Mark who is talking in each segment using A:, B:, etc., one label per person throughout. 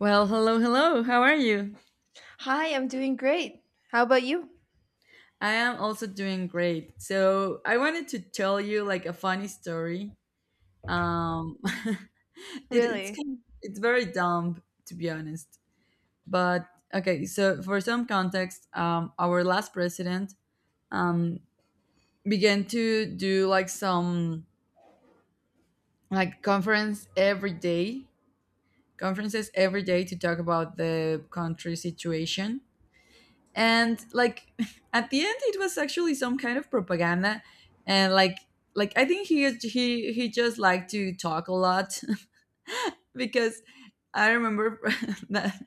A: Well, hello, hello. How are you?
B: Hi, I'm doing great. How about you?
A: I am also doing great. So I wanted to tell you like a funny story. Um, it, it's
B: Really?
A: kind it's very dumb to be honest. But okay, so for some context, our last president um began to do like some like conference every day, conferences every day to talk about the country situation and like at the end it was actually some kind of propaganda and like I think he just liked to talk a lot because I remember that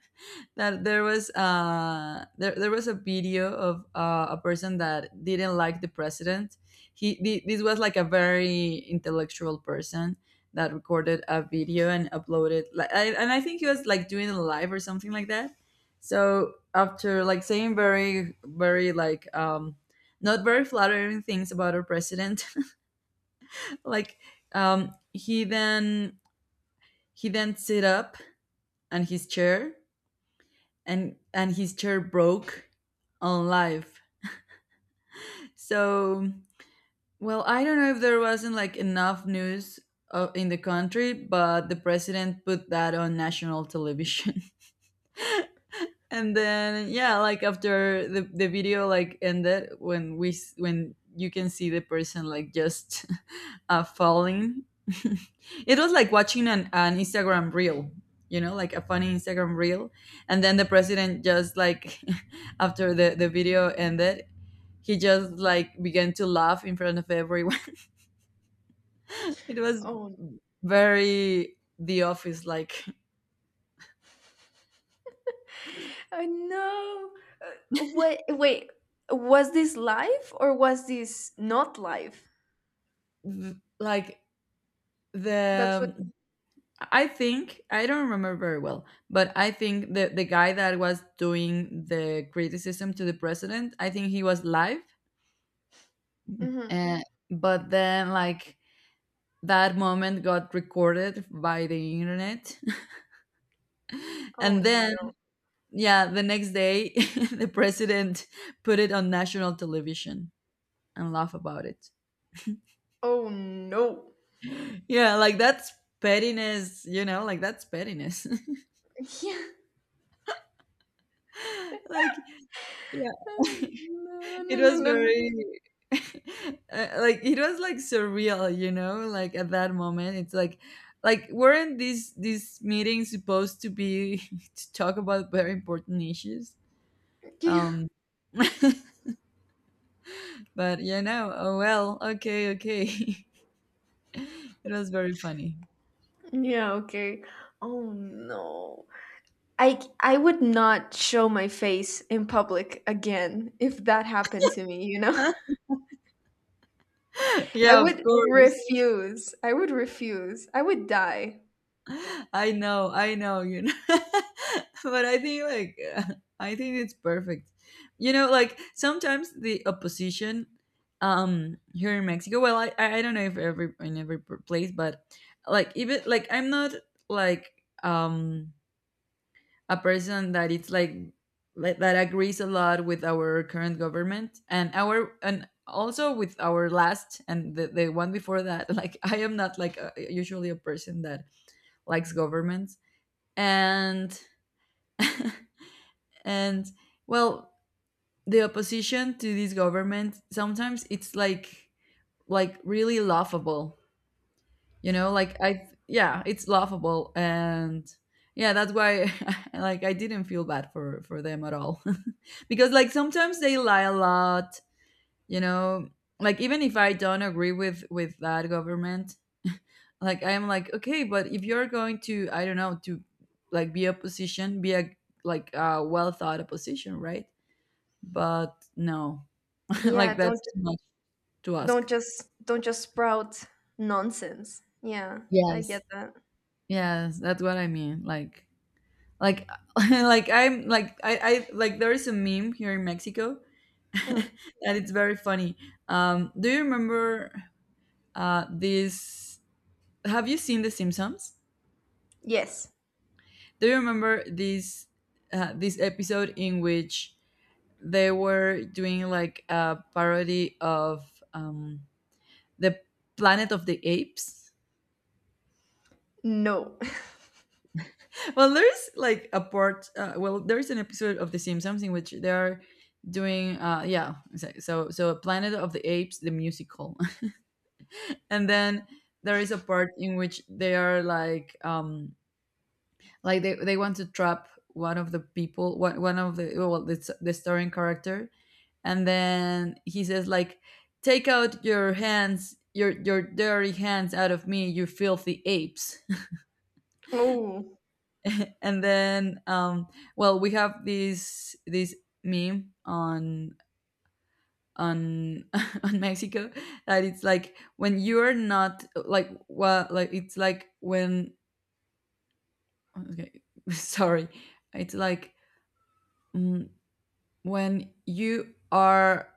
A: that there was there was a video of a person that didn't like the president. This was like a very intellectual person that recorded a video and uploaded like and I think he was like doing a live or something like that. So after like saying very very like not very flattering things about our president, like um he then he then sit up and his chair and his chair broke on live. So, well, I don't know if there wasn't like enough news in the country, but the president put that on national television. And then yeah, like after the video like ended when when you can see the person like just falling it was like watching an Instagram reel, you know, like a funny Instagram reel. And then the president just like after the video ended, he just like began to laugh in front of everyone. It was
B: Oh,
A: very the office like.
B: I know. Wait, wait. Was this live or was this not live?
A: Like
B: That's what.
A: the I think I don't remember very well, but I think the guy that was doing the criticism to the president, I think he was live,
B: Hmm.
A: and but then like that moment got recorded by the internet,
B: Oh
A: and then
B: no.
A: yeah, the next day the president put it on national television and laugh about it.
B: Oh no.
A: Yeah, like that's pettiness, you know, like that's pettiness.
B: Yeah.
A: Like yeah.
B: No,
A: It
B: no, no,
A: was
B: no, no.
A: very like it was like surreal, you know, like at that moment. It's like weren't these meetings supposed to be to talk about very important issues?
B: Yeah.
A: Um but you know, oh well, okay, okay. It was very funny.
B: Yeah, okay. Oh no. I would not show my face in public again if that happened to me, you know? I
A: Yeah, of
B: would
A: course.
B: refuse. I would refuse. I would die.
A: I know, you know. But I think like I think it's perfect. You know, like sometimes the opposition here in Mexico, well I don't know if every place, but like even like I'm not like a person that it's like that agrees a lot with our current government and our and also with our last and the one before that. Like I am not like a, usually a person that likes government, and and well, the opposition to this government sometimes it's like really laughable, you know, like I yeah, it's laughable. And yeah, that's why like I didn't feel bad for them at all. Because like sometimes they lie a lot, you know, like even if I don't agree with that government, like I'm like okay, but if you're going to, I don't know, to like be opposition, be a like a well thought opposition, right? But no,
B: Yeah,
A: like that's
B: don't
A: too much to
B: don't
A: ask.
B: just don't just sprout nonsense. Yeah, I
A: Yes.
B: get that.
A: Yes, that's what I mean. Like, like I'm like I like there is a meme here in Mexico, and
B: Mm.
A: it's very funny. Do you remember this? Have you seen The Simpsons?
B: Yes.
A: Do you remember this this episode in which they were doing like a parody of the Planet of the Apes?
B: No.
A: Well, there is like a part. Well, there is an episode of The Simpsons in which they are doing yeah so Planet of the Apes the musical. And then there is a part in which they are like they want to trap one of the people one of the well the starring character, and then he says like take out your hands your dirty hands out of me you filthy apes.
B: Oh,
A: And then well we have this meme on on on Mexico that it's like when you're not like well like it's like when okay sorry it's like mm, when you are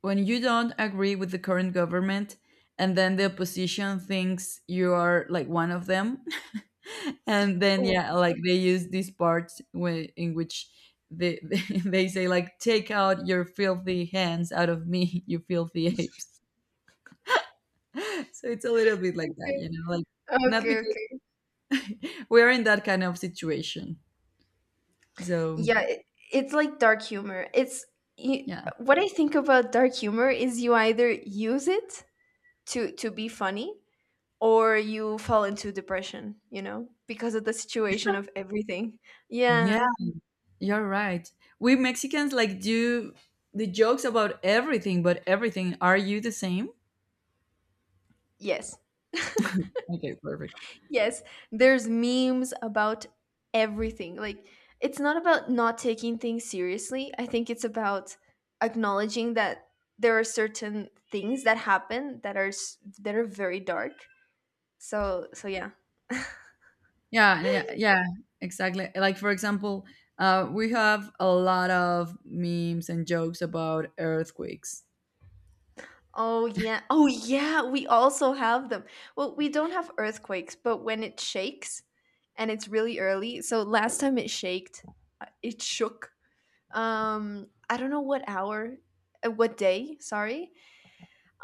A: when you don't agree with the current government, and then the opposition thinks you are like one of them. And then
B: oh.
A: yeah, like they use this part in which they they say like take out your filthy hands out of me, you filthy apes. So it's a little bit like that,
B: Okay.
A: you know, like not
B: Okay,
A: because
B: okay.
A: we're in that kind of situation, so
B: Yeah, it's like dark humor. It's You,
A: yeah.
B: what I think about dark humor is you either use it to be funny, or you fall into depression, because of the situation of everything. Yeah.
A: Yeah, you're right, we Mexicans like do the jokes about everything, but everything, are you the same?
B: Yes.
A: Okay, perfect.
B: Yes, there's memes about everything. Like, it's not about not taking things seriously. I think it's about acknowledging that there are certain things that happen that are that are very dark. So, yeah.
A: Yeah, and yeah, yeah, exactly. Like for example, we have a lot of memes and jokes about earthquakes.
B: Oh yeah. Oh yeah, we also have them. Well, we don't have earthquakes, but when it shakes and it's really early. So last time it shaked, it shook. I don't know what hour, what day, sorry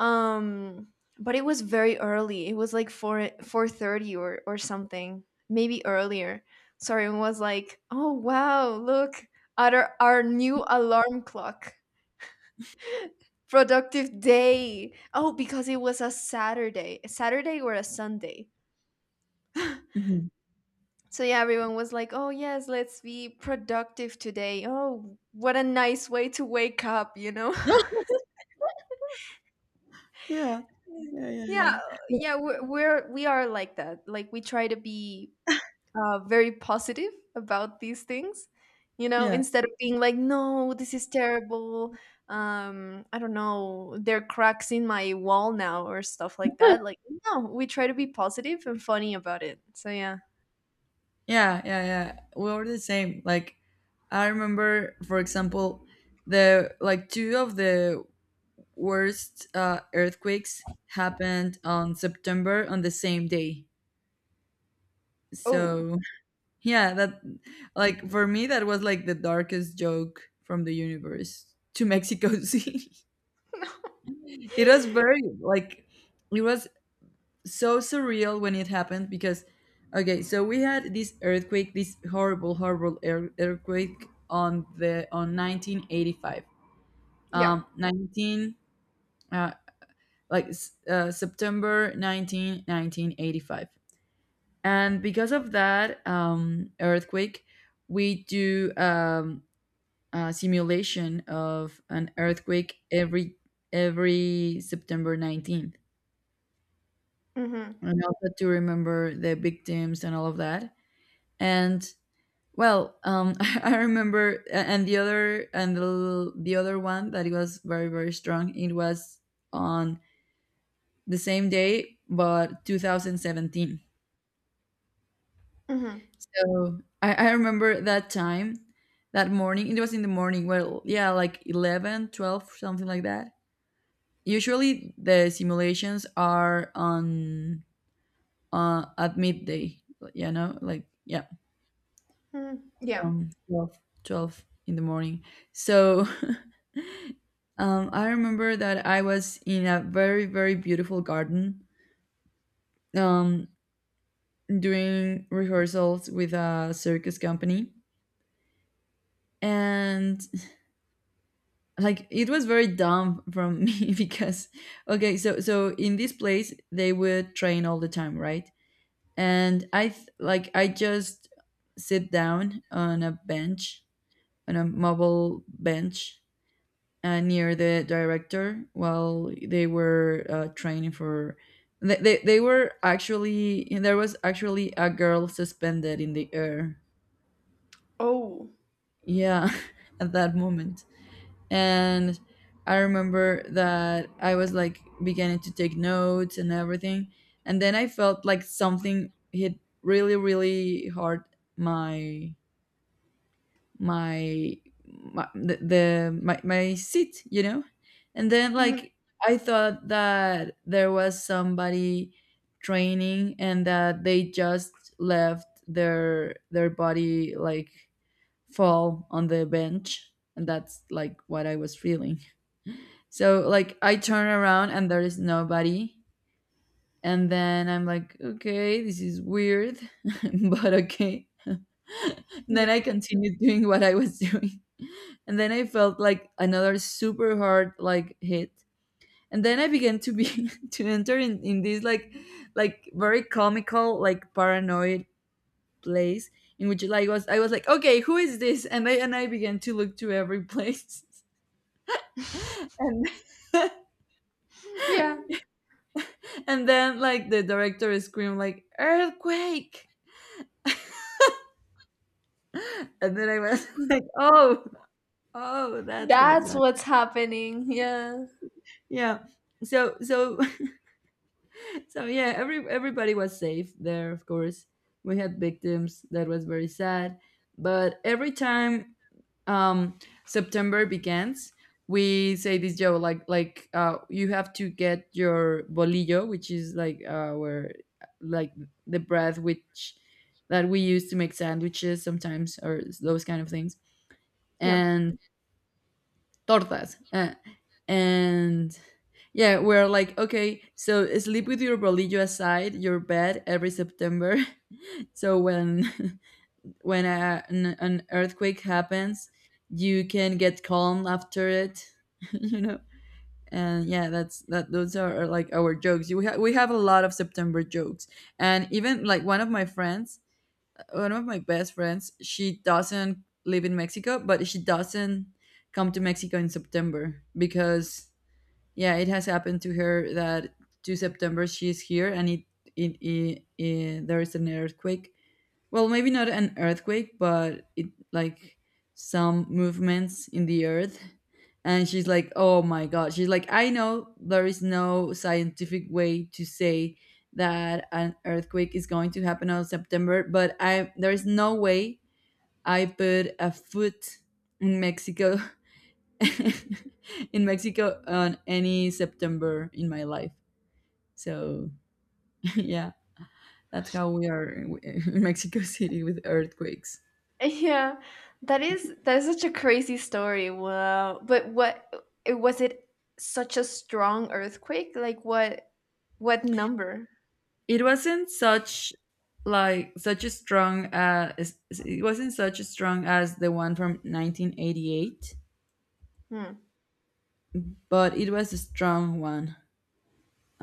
B: um but it was very early. It was like 4, 4:30 or something, maybe earlier. So everyone was like, oh wow, look at our new alarm clock, productive day, oh, because it was a Saturday or a Sunday.
A: Mhm.
B: So yeah, everyone was like, oh yes, let's be productive today, oh, what a nice way to wake up.
A: Yeah, yeah, yeah, yeah,
B: Yeah,
A: yeah,
B: yeah, we are like that, like we try to be very positive about these things,
A: yeah,
B: instead of being like, no, this is terrible. I don't know, there are cracks in my wall now, or stuff like that. Like, no, we try to be positive and funny about it. So yeah.
A: yeah, yeah. We are the same. Like I remember, for example, the like two of the worst earthquakes happened on September on the same day.
B: Oh.
A: So yeah, that like for me that was like the darkest joke from the universe to Mexico City. It was very like it was so surreal when it happened because okay, so we had this earthquake, this horrible horrible earthquake on the on 1985.
B: Yeah.
A: Um 19 uh like s- uh, September 19th, 19 1985. And because of that earthquake, we do simulation of an earthquake every September 19th,
B: Mm-hmm.
A: and also to remember the victims and all of that. And well, I remember, and the other and the other one that it was very very strong. It was on the same day, but 2017.
B: Mm-hmm.
A: So I remember that time, that morning. It was in the morning. Well, yeah, like 11, 12, something like that. Usually, the simulations are on at midday. You know, like yeah,
B: Hmm. Yeah.
A: 12, twelve in the morning. So I remember that I was in a very very beautiful garden um, doing rehearsals with a circus company, and like it was very dumb from me because okay so so in this place they would train all the time, right? And like I just sit down on a bench, on a mobile bench, near the director while they were training for they were actually there was actually a girl suspended in the air,
B: Oh.
A: yeah, at that moment. And I remember that I was like beginning to take notes and everything, and then I felt like something hit really really hard my my, my seat, you know. And then
B: Hmm.
A: like I thought that there was somebody training and that they just left their body like fall on the bench, and that's like what I was feeling. So like I turn around and there is nobody. And then I'm like, okay, this is weird, but okay.
B: Yeah.
A: Then I continued doing what I was doing. And then I felt like another super hard like hit. And then I began to be to enter in this like very comical, like paranoid place in which like was I was like, okay, who is this? And I began to look to every place. and
B: Yeah,
A: And then like the director screamed like earthquake. And then I was like, oh, oh, that's what's
B: that's
A: going.
B: what's happening. Yeah,
A: Yeah. So so yeah, every everybody was safe there, of course. We had victims. That was very sad. But every time um September begins we say this joke like you have to get your bolillo, which is like where like the bread which that we use to make sandwiches sometimes or those kind of things
B: yeah.
A: and tortas, and yeah we're like okay, so sleep with your bolillo aside your bed every September. So when an earthquake happens, you can get calm after it, you know. And yeah, that's that. Those are like our jokes. We we have a lot of September jokes, and even like one of my friends, one of my best friends, she doesn't live in Mexico, but she doesn't come to Mexico in September because yeah, it has happened to her that two September she's here and it there is an earthquake, well, maybe not an earthquake, but it like some movements in the earth. And she's like, "Oh my god." She's like, "I know there is no scientific way to say that an earthquake is going to happen on September, but I there is no way I put a foot in Mexico in Mexico on any September in my life." So, yeah, that's how we are in Mexico City with earthquakes.
B: Yeah, that is such a crazy story. Wow. But was it such a strong earthquake? Like what number?
A: It wasn't such, like, such a strong, it wasn't such a strong as the one from 1988,
B: Hmm.
A: but it was a strong one.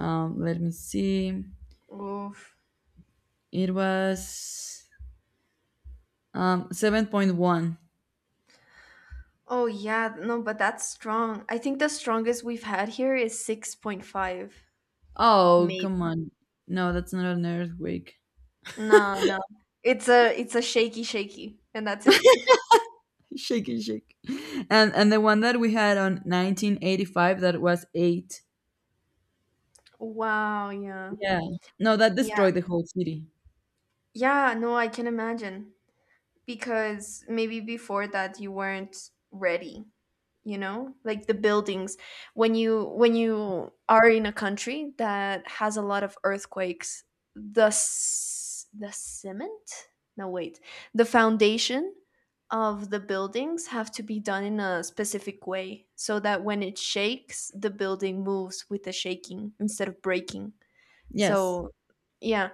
A: Let me see,
B: Oof.
A: it was 7.1.
B: Oh yeah, no, but that's strong. I think the strongest we've had here is 6.5,
A: Oh, come
B: maybe.
A: on. No, that's not an earthquake.
B: No, no. It's a shaky shaky, and that's it.
A: Shake it, shake. And the one that we had on 1985, that was 8.
B: Wow, yeah.
A: Yeah, no, that
B: Yeah.
A: destroyed the whole city.
B: Yeah, no, I can imagine, because maybe before that you weren't ready. You know, like the buildings, when you are in a country that has a lot of earthquakes, the the cement, no wait, the foundation of the buildings have to be done in a specific way so that when it shakes, the building moves with the shaking instead of breaking.
A: Yes.
B: So yeah,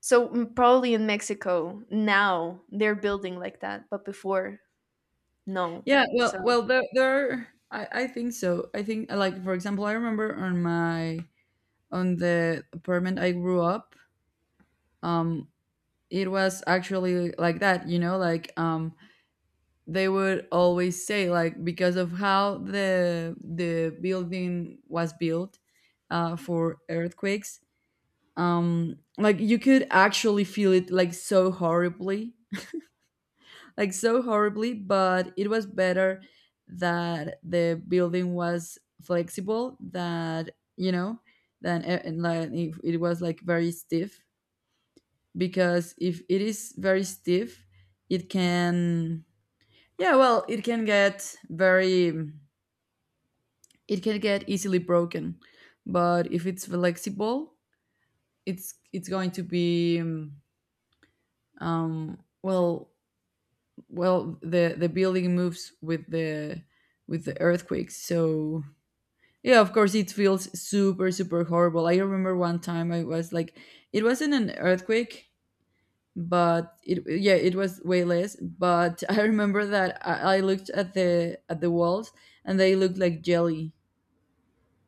B: so probably in Mexico now they're building like that, but before, no.
A: Yeah, well,
B: So,
A: well, there. I think so. I think, like, for example, I remember on my on the apartment I grew up. Um, it was actually like that, you know, like they would always say, like, because of how the building was built, for earthquakes. Like, you could actually feel it like so horribly, but it was better that the building was flexible, that, you know, and like if it was like very stiff. Because if it is very stiff, it can, yeah, well, it can get very, it can get easily broken. But if it's flexible, it's going to be um well well, the building moves with the earthquakes. So, yeah, of course it feels super super horrible. I remember one time I was like, it wasn't an earthquake, but it was way less, but I remember that I looked at the walls, and they looked like jelly.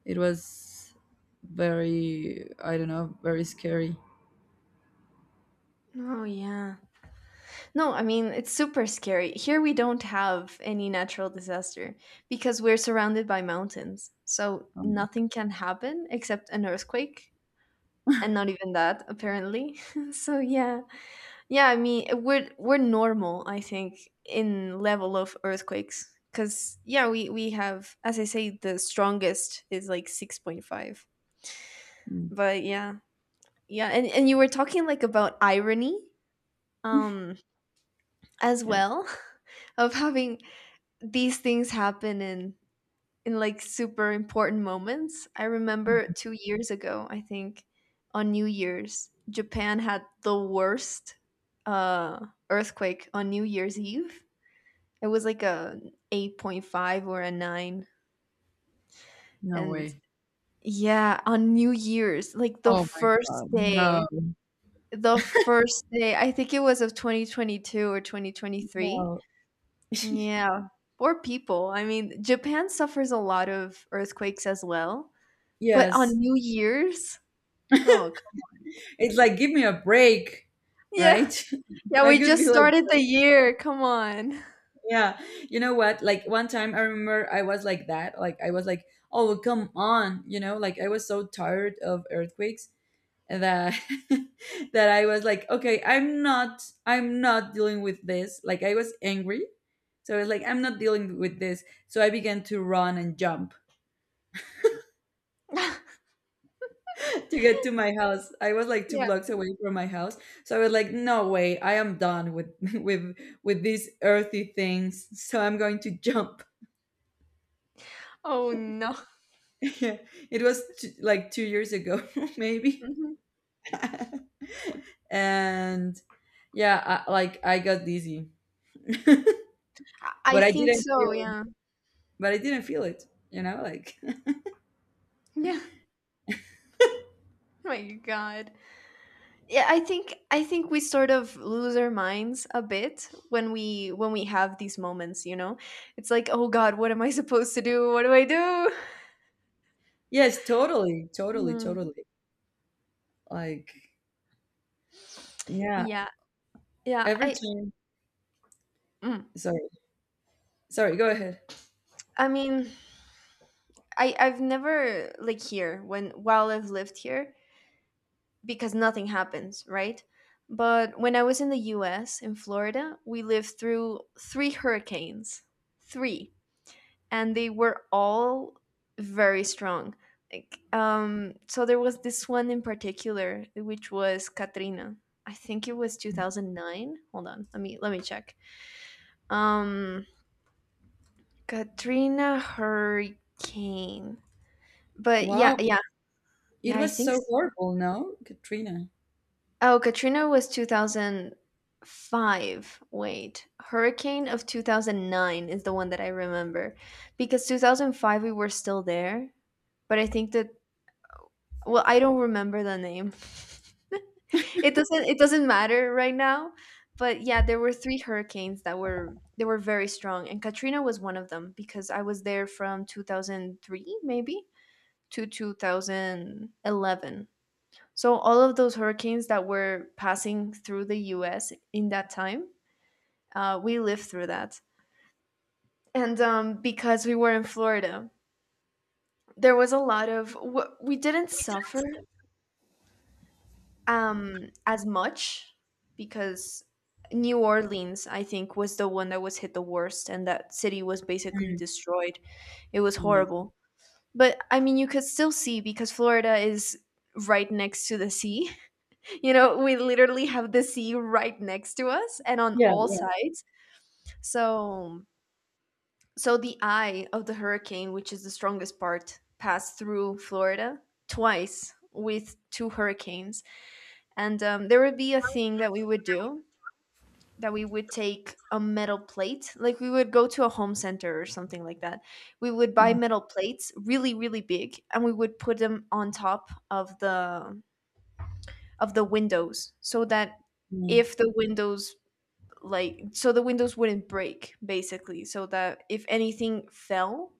A: It was very, I don't know, very scary.
B: oh yeah. No, I mean, it's super scary. Here we don't have any natural disaster because we're surrounded by mountains. So
A: Um.
B: nothing can happen except an earthquake, and not even that, apparently. So yeah. Yeah, I mean, we're normal, I think, in level of earthquakes, cuz yeah, we have, as I say, the strongest is like 6.5.
A: Mm.
B: But yeah. Yeah, and you were talking like about irony, um as
A: Yes.
B: well, of having these things happen in like super important moments. I remember 2 years ago, I think, on New Year's, Japan had the worst earthquake on New Year's Eve. It was like a 8.5 or a 9,
A: No
B: and
A: way.
B: yeah, on New Year's, like the
A: Oh my
B: first
A: god,
B: day,
A: no.
B: the first day, I think it was of 2022 or 2023.
A: No.
B: Yeah, or people. I mean, Japan suffers a lot of earthquakes as well, but on
A: Yes.
B: New Year's, oh, come on.
A: It's like, give me a break,
B: Yeah,
A: right?
B: yeah,
A: I
B: we
A: could be
B: just
A: like,
B: started the year. Come on.
A: yeah, you know what? Like, one time I remember I was like that. Like, I was like, oh, come on, you know, like, I was so tired of earthquakes that that I was like, okay, I'm not dealing with this. Like, I was angry. So I was like, I'm not dealing with this. So I began to run and jump to get to my house. I was like two
B: Yeah.
A: blocks away from my house, so I was like, "No way! I am done with with with these earthy things." So I'm going to jump.
B: Oh no.
A: Yeah, it was like 2 years ago, maybe.
B: Mhm.
A: And yeah, like I got dizzy.
B: I I
A: but I
B: think
A: didn't
B: so,
A: feel.
B: yeah.
A: But I didn't feel it. You know, like
B: Yeah. My God. Yeah, I think we sort of lose our minds a bit when we have these moments, you know? It's like, oh God, what am I supposed to do? What do I do?
A: yes, totally, totally,
B: Mhm.
A: totally. Like, yeah,
B: Yeah. Yeah,
A: every
B: I
A: time.
B: Mm.
A: Sorry, sorry. Go ahead.
B: I mean, I've never, like here, when while I've lived here, because nothing happens, right? But when I was in the U.S. in Florida, we lived through three hurricanes, three, and they were all very strong. Like, so there was this one in particular, which was Katrina. I think it was 2009. Hold on, let me check. Um, Katrina hurricane. But yeah,
A: Wow.
B: yeah. Yeah,
A: It
B: I
A: was
B: think
A: so
B: so.
A: horrible, no, Katrina?
B: Oh, Katrina was 2005. Wait. Hurricane of 2009 is the one that I remember, because 2005 we were still there, but I think that well, I don't remember the name. It doesn't matter right now, but yeah, there were three hurricanes that were they were very strong, and Katrina was one of them because I was there from 2003 maybe to 2011. So all of those hurricanes that were passing through the U.S. in that time, we lived through that, and because we were in Florida, there was a lot of, we didn't suffer as much, because New Orleans, I think, was the one that was hit the worst, and that city was basically
A: Mm.
B: destroyed. It was
A: Yes.
B: horrible, but I mean, you could still see, because Florida is right next to the sea. You know, we literally have the sea right next to us and on
A: Yeah,
B: all
A: yeah.
B: sides. So, so the eye of the hurricane, which is the strongest part, passed through Florida twice with two hurricanes. And there would be a thing that we would do, that we would take a metal plate, like we would go to a home center or something like that. We would buy metal plates, really, really big, and we would put them on top of the windows so that
A: Mhm,
B: if the windows like so the windows wouldn't break, basically, so that if anything fell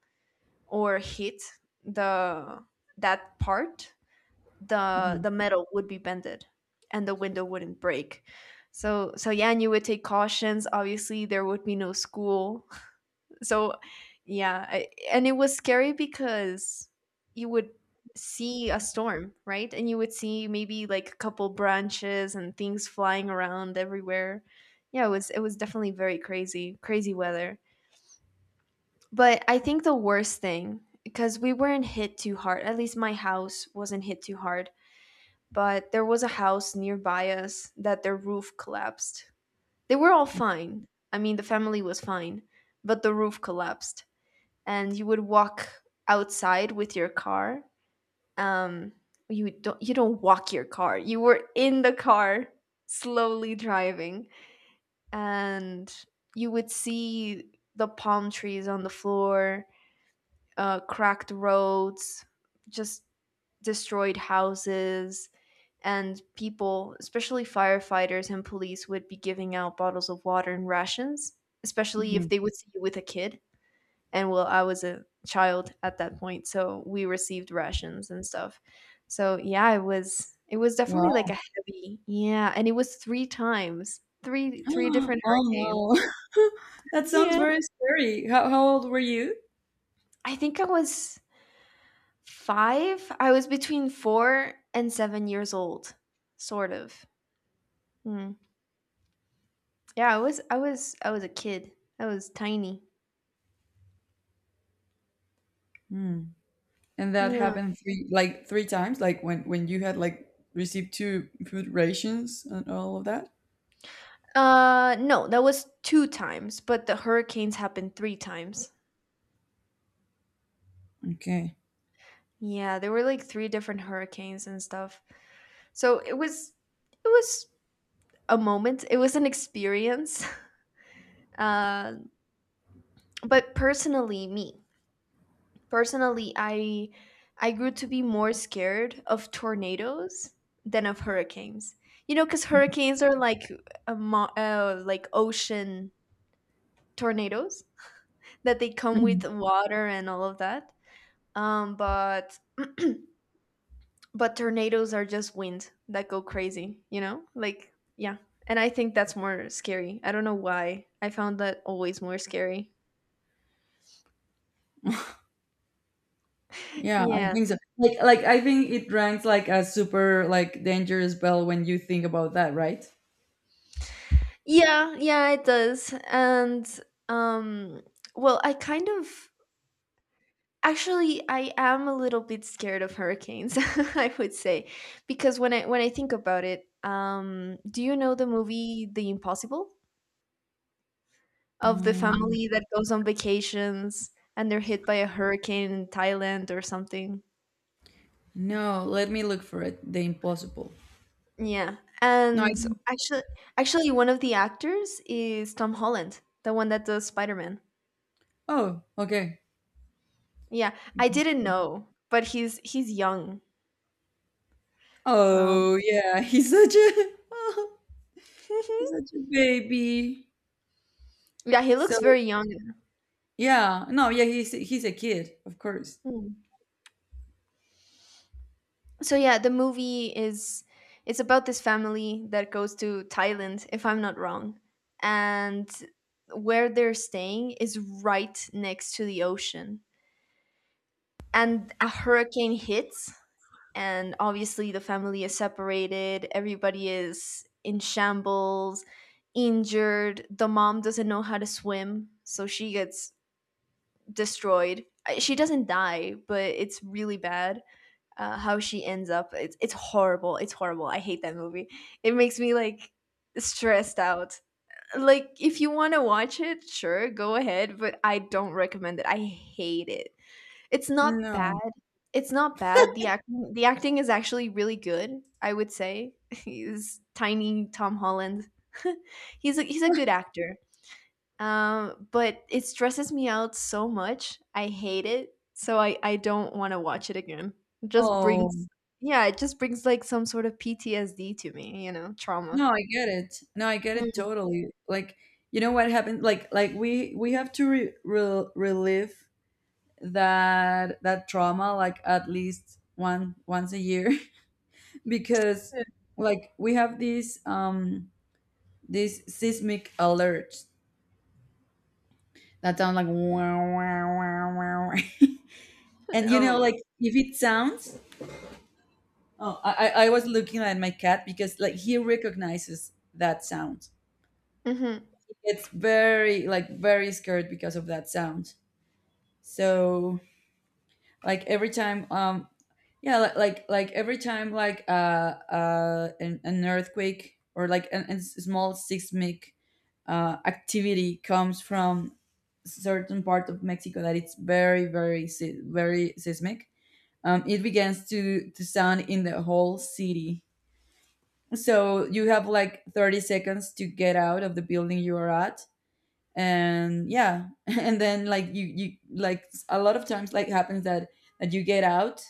B: or hit the that part, the
A: mhm,
B: the metal would be bended and the window wouldn't break. So yeah, and you would take cautions. Obviously there would be no school. So, yeah, and it was scary because you would see a storm, right? And you would see maybe like a couple branches and things flying around everywhere. Yeah, it was definitely very crazy, crazy weather. But I think the worst thing, because we weren't hit too hard. At least my house wasn't hit too hard, but there was a house nearby us that their roof collapsed. They were all fine. I mean, the family was fine, but the roof collapsed and you would walk outside with your car. Um, you don't walk your car. You were in the car slowly driving, and you would see the palm trees on the floor, cracked roads, just destroyed houses. And people, especially firefighters and police, would be giving out bottles of water and rations, especially if
A: mhm.
B: they would see you with a kid. And, well, I was a child at that point, so we received rations and stuff. So yeah, it was definitely
A: Wow.
B: like a heavy, yeah. And it was three times, three, three different
A: Oh
B: hurricanes.
A: no. That sounds
B: Yeah,
A: very scary. How old were you?
B: I think I was five. I was between 4 and 7 years old, sort of. Mm. Yeah, I was a kid. I was tiny.
A: Mm. And that
B: Yeah.
A: happened three like three times, like when you had like received two food rations and all of that?
B: No, that was two times, but the hurricanes happened three times.
A: Okay.
B: Yeah, there were like 3 different hurricanes and stuff. So it was, it was a moment. It was an experience. Uh, but personally, me personally, I grew to be more scared of tornadoes than of hurricanes. You know, because hurricanes are like a ocean tornadoes, that they come
A: Mhm.
B: with water and all of that. But but tornadoes are just wind that go crazy, you know, like, yeah. And I think that's more scary. I don't know why I found that always more scary.
A: Yeah, I
B: Yeah,
A: think so. Like I think it ranks like a super like dangerous bell when you think about that, right?
B: yeah, yeah, it does. And, um well, I kind of actually, I am a little bit scared of hurricanes, I would say. Because when I think about it, do you know the movie The Impossible, of the
A: Mm.
B: family that goes on vacations and they're hit by a hurricane in Thailand or something?
A: No, let me look for it. The Impossible.
B: Yeah,
A: No, I
B: and
A: didn't.
B: actually, actually, one of the actors is Tom Holland, the one that does Spider Man.
A: Oh, okay.
B: Yeah, I didn't know, but he's young. Um,
A: Oh, yeah. He's such a he's such a baby.
B: yeah, he looks
A: So
B: very young.
A: yeah, no, yeah. He's a kid, of course.
B: Mm. So yeah, the movie is it's about this family that goes to Thailand, if I'm not wrong, and where they're staying is right next to the ocean, and a hurricane hits, and obviously the family is separated, everybody is in shambles, injured. The mom doesn't know how to swim, so she gets destroyed. She doesn't die, but it's really bad how she ends up. It's horrible, it's horrible. I hate that movie. It makes me like stressed out. Like, if you want to watch it, sure, go ahead, but I don't recommend it. I hate it. It's not bad.
A: No.
B: It's not bad. The acting is actually really good, I would say. He's tiny Tom Holland. He's a good actor. But it stresses me out so much. I hate it. So I don't want to watch it again. It just
A: Oh,
B: brings, yeah, it just brings like some sort of PTSD to me, trauma.
A: no. I get it. No, I get it
B: Mm.
A: totally. Like, you know what happened? Like we have to relive that that trauma like at least one once a year because like we have this these seismic alerts that sound like wow wow wow wow, wow. And you know,
B: Oh.
A: like if it sounds, oh, I was looking at my cat because like he recognizes that sound.
B: Mhm.
A: It's very, like, very scared because of that sound. So, like every time yeah, like every time like an earthquake or like a small seismic activity comes from certain part of Mexico that it's very, very, very seismic, it begins to sound in the whole city. So you have like 30 seconds to get out of the building you are at, and yeah, and then like you like a lot of times like happens that that you get out,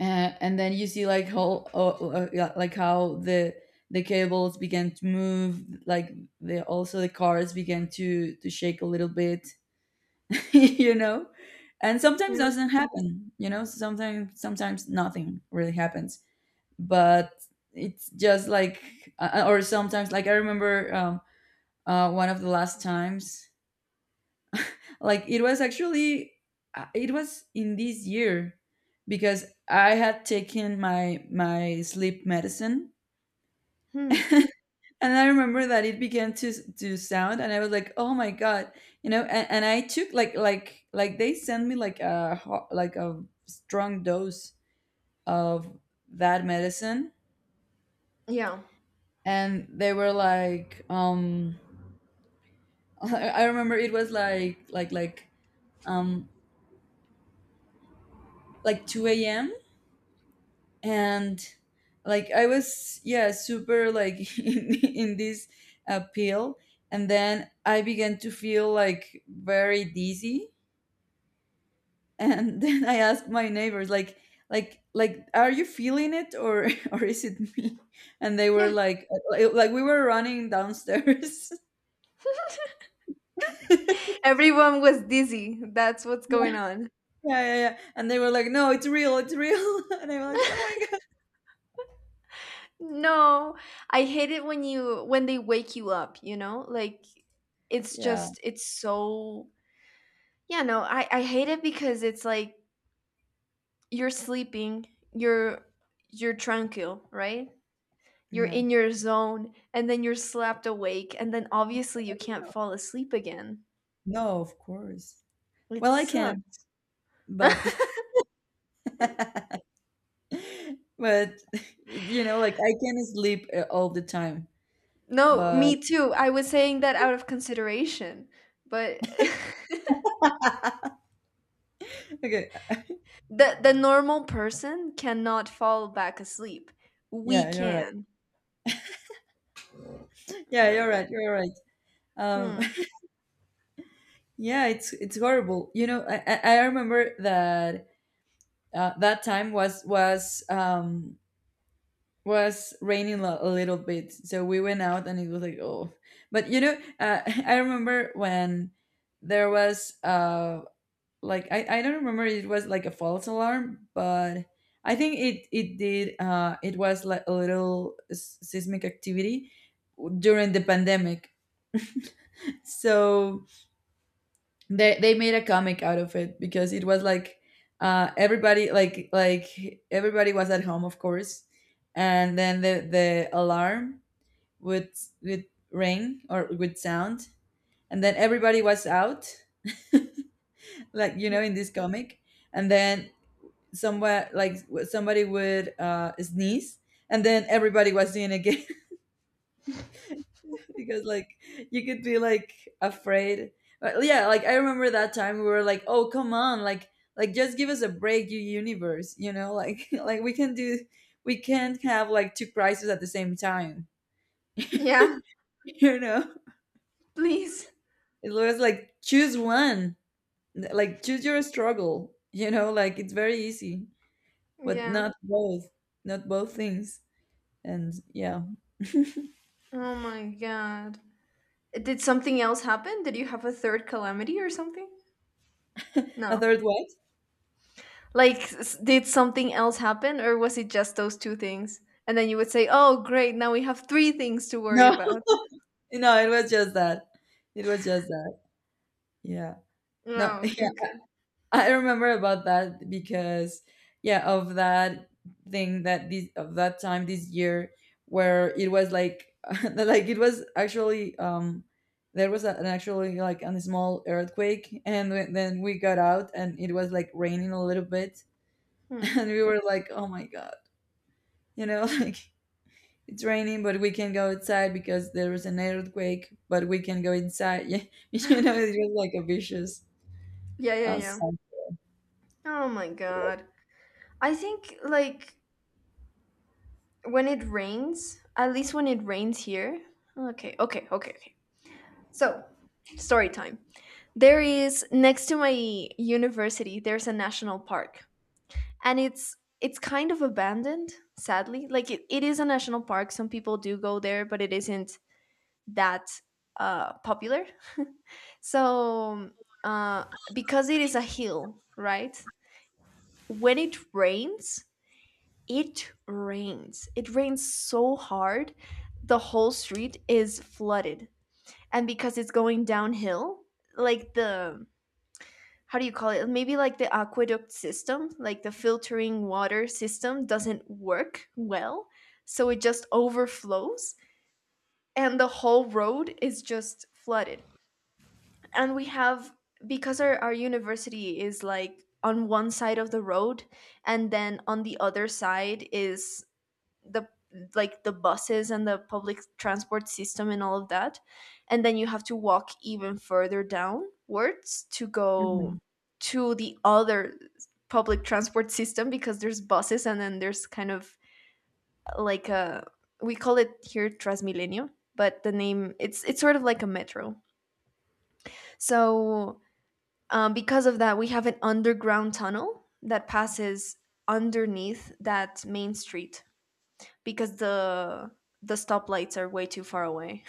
A: and then you see like how yeah, like how the cables began to move, like the also the cars began to shake a little bit, you know. And
B: Yeah.
A: sometimes doesn't happen, you know, sometimes sometimes nothing really happens, but it's just like, or sometimes like I remember one of the last times, like it was actually, it was in this year because I had taken my my sleep medicine.
B: Hmm.
A: And I remember that it began to sound, and I was like, "Oh my god!" You know, and I took like they sent me like a like a strong dose of that medicine,
B: Yeah.
A: and they were like, I remember it was um like 2 a.m., and like I was, yeah, super like in this, pill, and then I began to feel like very dizzy, and then I asked my neighbors, like, are you feeling it or or is it me? And they were
B: Yeah.
A: like, we were running downstairs. Yeah,
B: Everyone was dizzy. That's what's
A: yeah,
B: going on.
A: yeah, yeah. And they were like, no, it's real, it's real. And I was like, oh my god.
B: No, I hate it when they wake you up, you know? Like, it's
A: Yeah,
B: just it's so, yeah, no, I hate it because it's like you're sleeping, you're you're tranquil, right? You're
A: yeah.
B: in your zone, and then you're slapped awake, and then obviously you can't fall asleep again.
A: No, of course.
B: It
A: Well, I can,
B: sucks.
A: but but you know, like I can sleep, all the time.
B: No,
A: But
B: me too. I was saying that out of consideration, but
A: okay,
B: The normal person cannot fall back asleep. We
A: yeah, you're right.
B: can. Oh
A: Yeah,
B: my
A: you're
B: god.
A: right. You're right. Um,
B: Hmm.
A: yeah, it's horrible. You know, I remember that, that time was raining lo- a little bit, so we went out and it was like, oh, but you know, I remember when there was uh, like I don't remember if it was like a false alarm, but I think it was like a little seismic activity during the pandemic. So, they made a comic out of it because it was like, everybody, like everybody was at home, of course, and then the alarm would would ring or would sound, and then everybody was out, like, you
B: Yeah.
A: know, in this comic. And then somewhere, like, w- somebody would, sneeze, and then everybody was doing again because, like, you could be like afraid, but yeah, like I remember that time we were like, oh, come on, like, just give us a break, you universe. You know, like like we can do, we can't have like two crises at the same time.
B: Yeah,
A: You know,
B: please.
A: it was like, choose one. Like, choose your struggle. You know, like, it's very easy, but
B: Yeah.
A: not both, not both things. And yeah.
B: Oh my god. Did something else happen? Did you have a third calamity or something?
A: A
B: No.
A: third what?
B: Like, s- did something else happen, or was it just those two things? And then you would say, "Oh, great. Now we have three things to worry
A: No.
B: about."
A: No, it was just that, it was just that. Yeah. No.
B: No, okay, okay.
A: I remember about that because, yeah, of that thing that this of that time this year where it was like like it was actually there was an actually like a small earthquake, and then we got out and it was like raining a little bit.
B: Hmm.
A: And we were like, oh my god, you know. Like, it's raining but we can go outside because there was an earthquake but we can go inside. Yeah, you know, it was like a vicious,
B: Yeah, yeah, yeah.
A: cycle.
B: Oh my god. I think like when it rains, at least when it rains here. Okay, okay, okay, okay. So, story time. There is, next to my university, there's a national park. And it's kind of abandoned, sadly. Like, it is a national park. Some people do go there, but it isn't that popular. So, uh because it is a hill, right? When it rains, it rains. It rains so hard, the whole street is flooded. And because it's going downhill, like, the how do you call it? Maybe like the aqueduct system, like the filtering water system doesn't work well, so it just overflows and the whole road is just flooded. And we have, because our university is like on one side of the road, and then on the other side is the like the buses and the public transport system and all of that, and then you have to walk even further downwards to
A: Mhm.
B: go to the other public transport system because there's buses, and then there's kind of like a, we call it here Transmilenio, but the name it's sort of like a metro. So because of that we have an underground tunnel that passes underneath that main street because the stoplights are way too far away.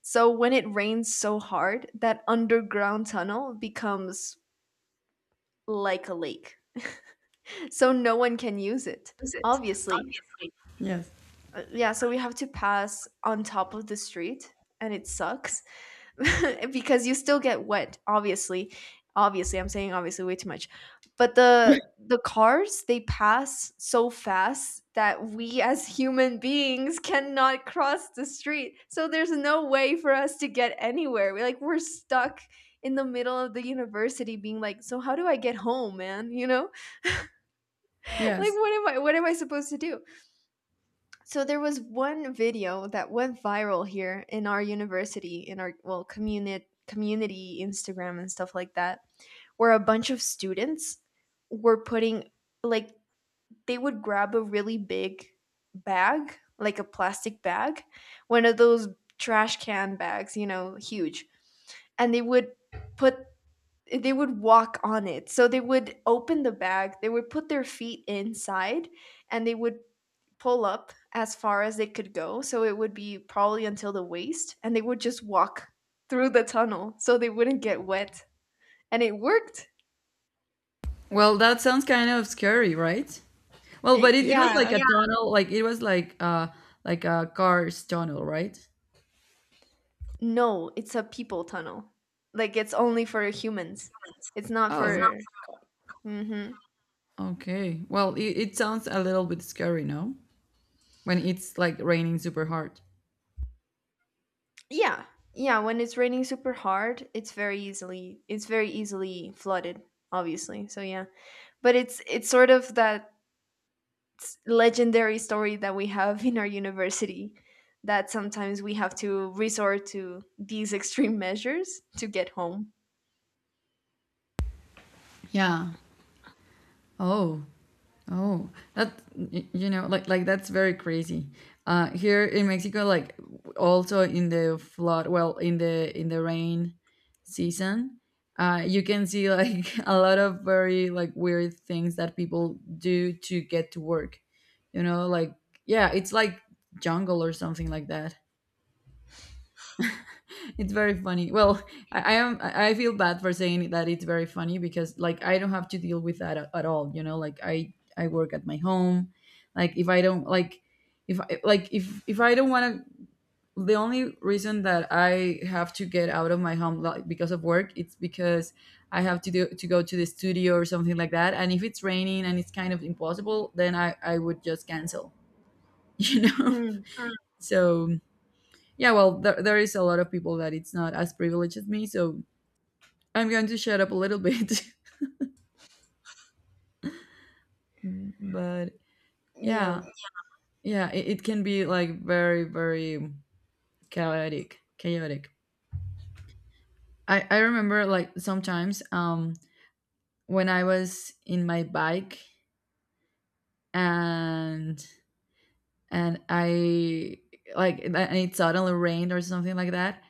B: So when it rains so hard, that underground tunnel becomes like a lake. So no one can use it. Obviously.
A: Yes.
B: Yeah, so we have to pass on top of the street, and it sucks because you still get wet, obviously. Obviously, I'm saying obviously way too much. But the cars, they pass so fast that we as human beings cannot cross the street. So there's no way for us to get anywhere. We're like, we're stuck in the middle of the university being like, "So how do I get home, man?" You know? Like,
A: Yes.
B: what am I supposed to do? So there was one video that went viral here in our university, in our, well, community Instagram and stuff like that, where a bunch of students were putting, like, they would grab a really big bag, like a plastic bag, one of those trash can bags, you know, huge, and they would put, they would walk on it. So they would open the bag, they would put their feet inside, and they would pull up as far as they could go. So it would be probably until the waist, and they would just walk through the tunnel so they wouldn't get wet. And it worked.
A: Well, that sounds kind of scary, right? Well,
B: I-
A: but it was
B: yeah.
A: like a yeah, tunnel, like it was like a car's tunnel, right? It's,
B: No, it's a people tunnel. Like, it's only for humans. It's not
A: oh,
B: for. Hmm.
A: not. Okay. Well, it sounds a little bit scary, no? When it's like raining super hard.
B: Yeah. Yeah. When it's raining super hard, it's very easily flooded, obviously. So yeah. But it's sort of that s- legendary story that we have in our university that sometimes we have to resort to these extreme measures to get home.
A: Yeah. Oh. Oh, that y- you know, like that's very crazy. Here in Mexico, like, also in the flood, well, in the rain season, you can see like a lot of very like weird things that people do to get to work. You know, like yeah, it's like jungle or something like that. It's very funny. Well, I am. I feel bad for saying that it's very funny because, like, I don't have to deal with that at all. You know, like I work at my home. Like, if I don't like if I don't want to. The only reason that I have to get out of my home, like, because of work, it's because I have to do to go to the studio or something like that. And if it's raining and it's kind of impossible, then I would just cancel. You know.
B: Mm,
A: So yeah, well, there is a lot of people that it's not as privileged as me. So I'm going to shut up a little bit, but yeah,
B: yeah.
A: yeah, it can be like very, very chaotic, chaotic. I remember, like, sometimes when I was in my bike, and I like, and it suddenly rained or something like that.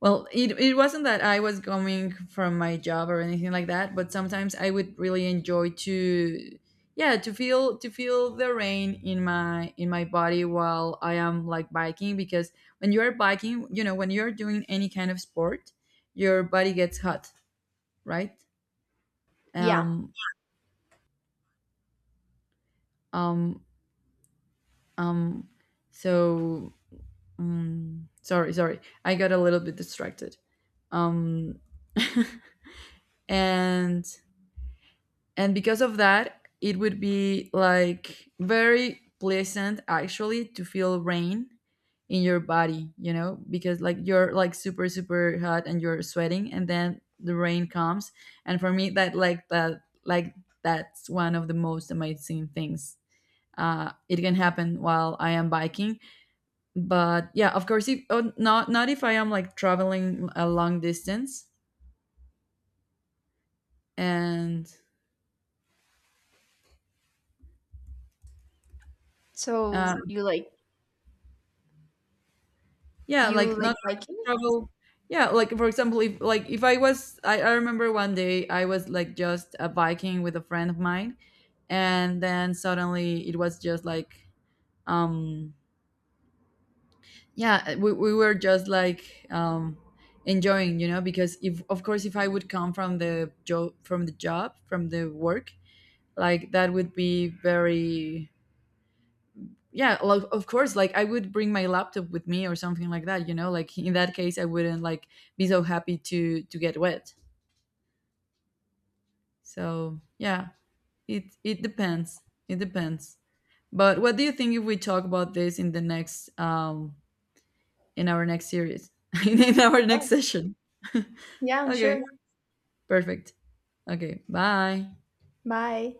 A: Well, it wasn't that I was going from my job or anything like that, but sometimes I would really enjoy to yeah, to feel the rain in my body while I am like biking because when you are biking, you know, when you're doing any kind of sport, your body gets hot, right?
B: Yeah.
A: Um um um so Sorry, sorry. I got a little bit distracted. Um and and because of that it would be like very pleasant actually to feel rain in your body, you know, because like you're like super super hot and you're sweating and then the rain comes, and for me that like that's one of the most amazing things, it can happen while I am biking, but yeah, of course, if, oh, not not if I am like traveling a long distance, and uh,
B: So you like,
A: yeah,
B: you
A: like
B: like
A: not
B: biking?
A: travel. Yeah, like for example, if like if I was, I remember one day I was like just biking with a friend of mine, and then suddenly it was just like, um, yeah, we were just like enjoying, you know, because if of course if I would come from the job, from the job, from the work, like that would be very yeah, well, of course, like I would bring my laptop with me or something like that, you know, like in that case I wouldn't like be so happy to get wet, so yeah, it depends, it depends, but what do you think if we talk about this in the next in our next series in our
B: Yeah.
A: next session?
B: Yeah,
A: Okay?
B: sure.
A: Perfect. Okay, bye.
B: Bye.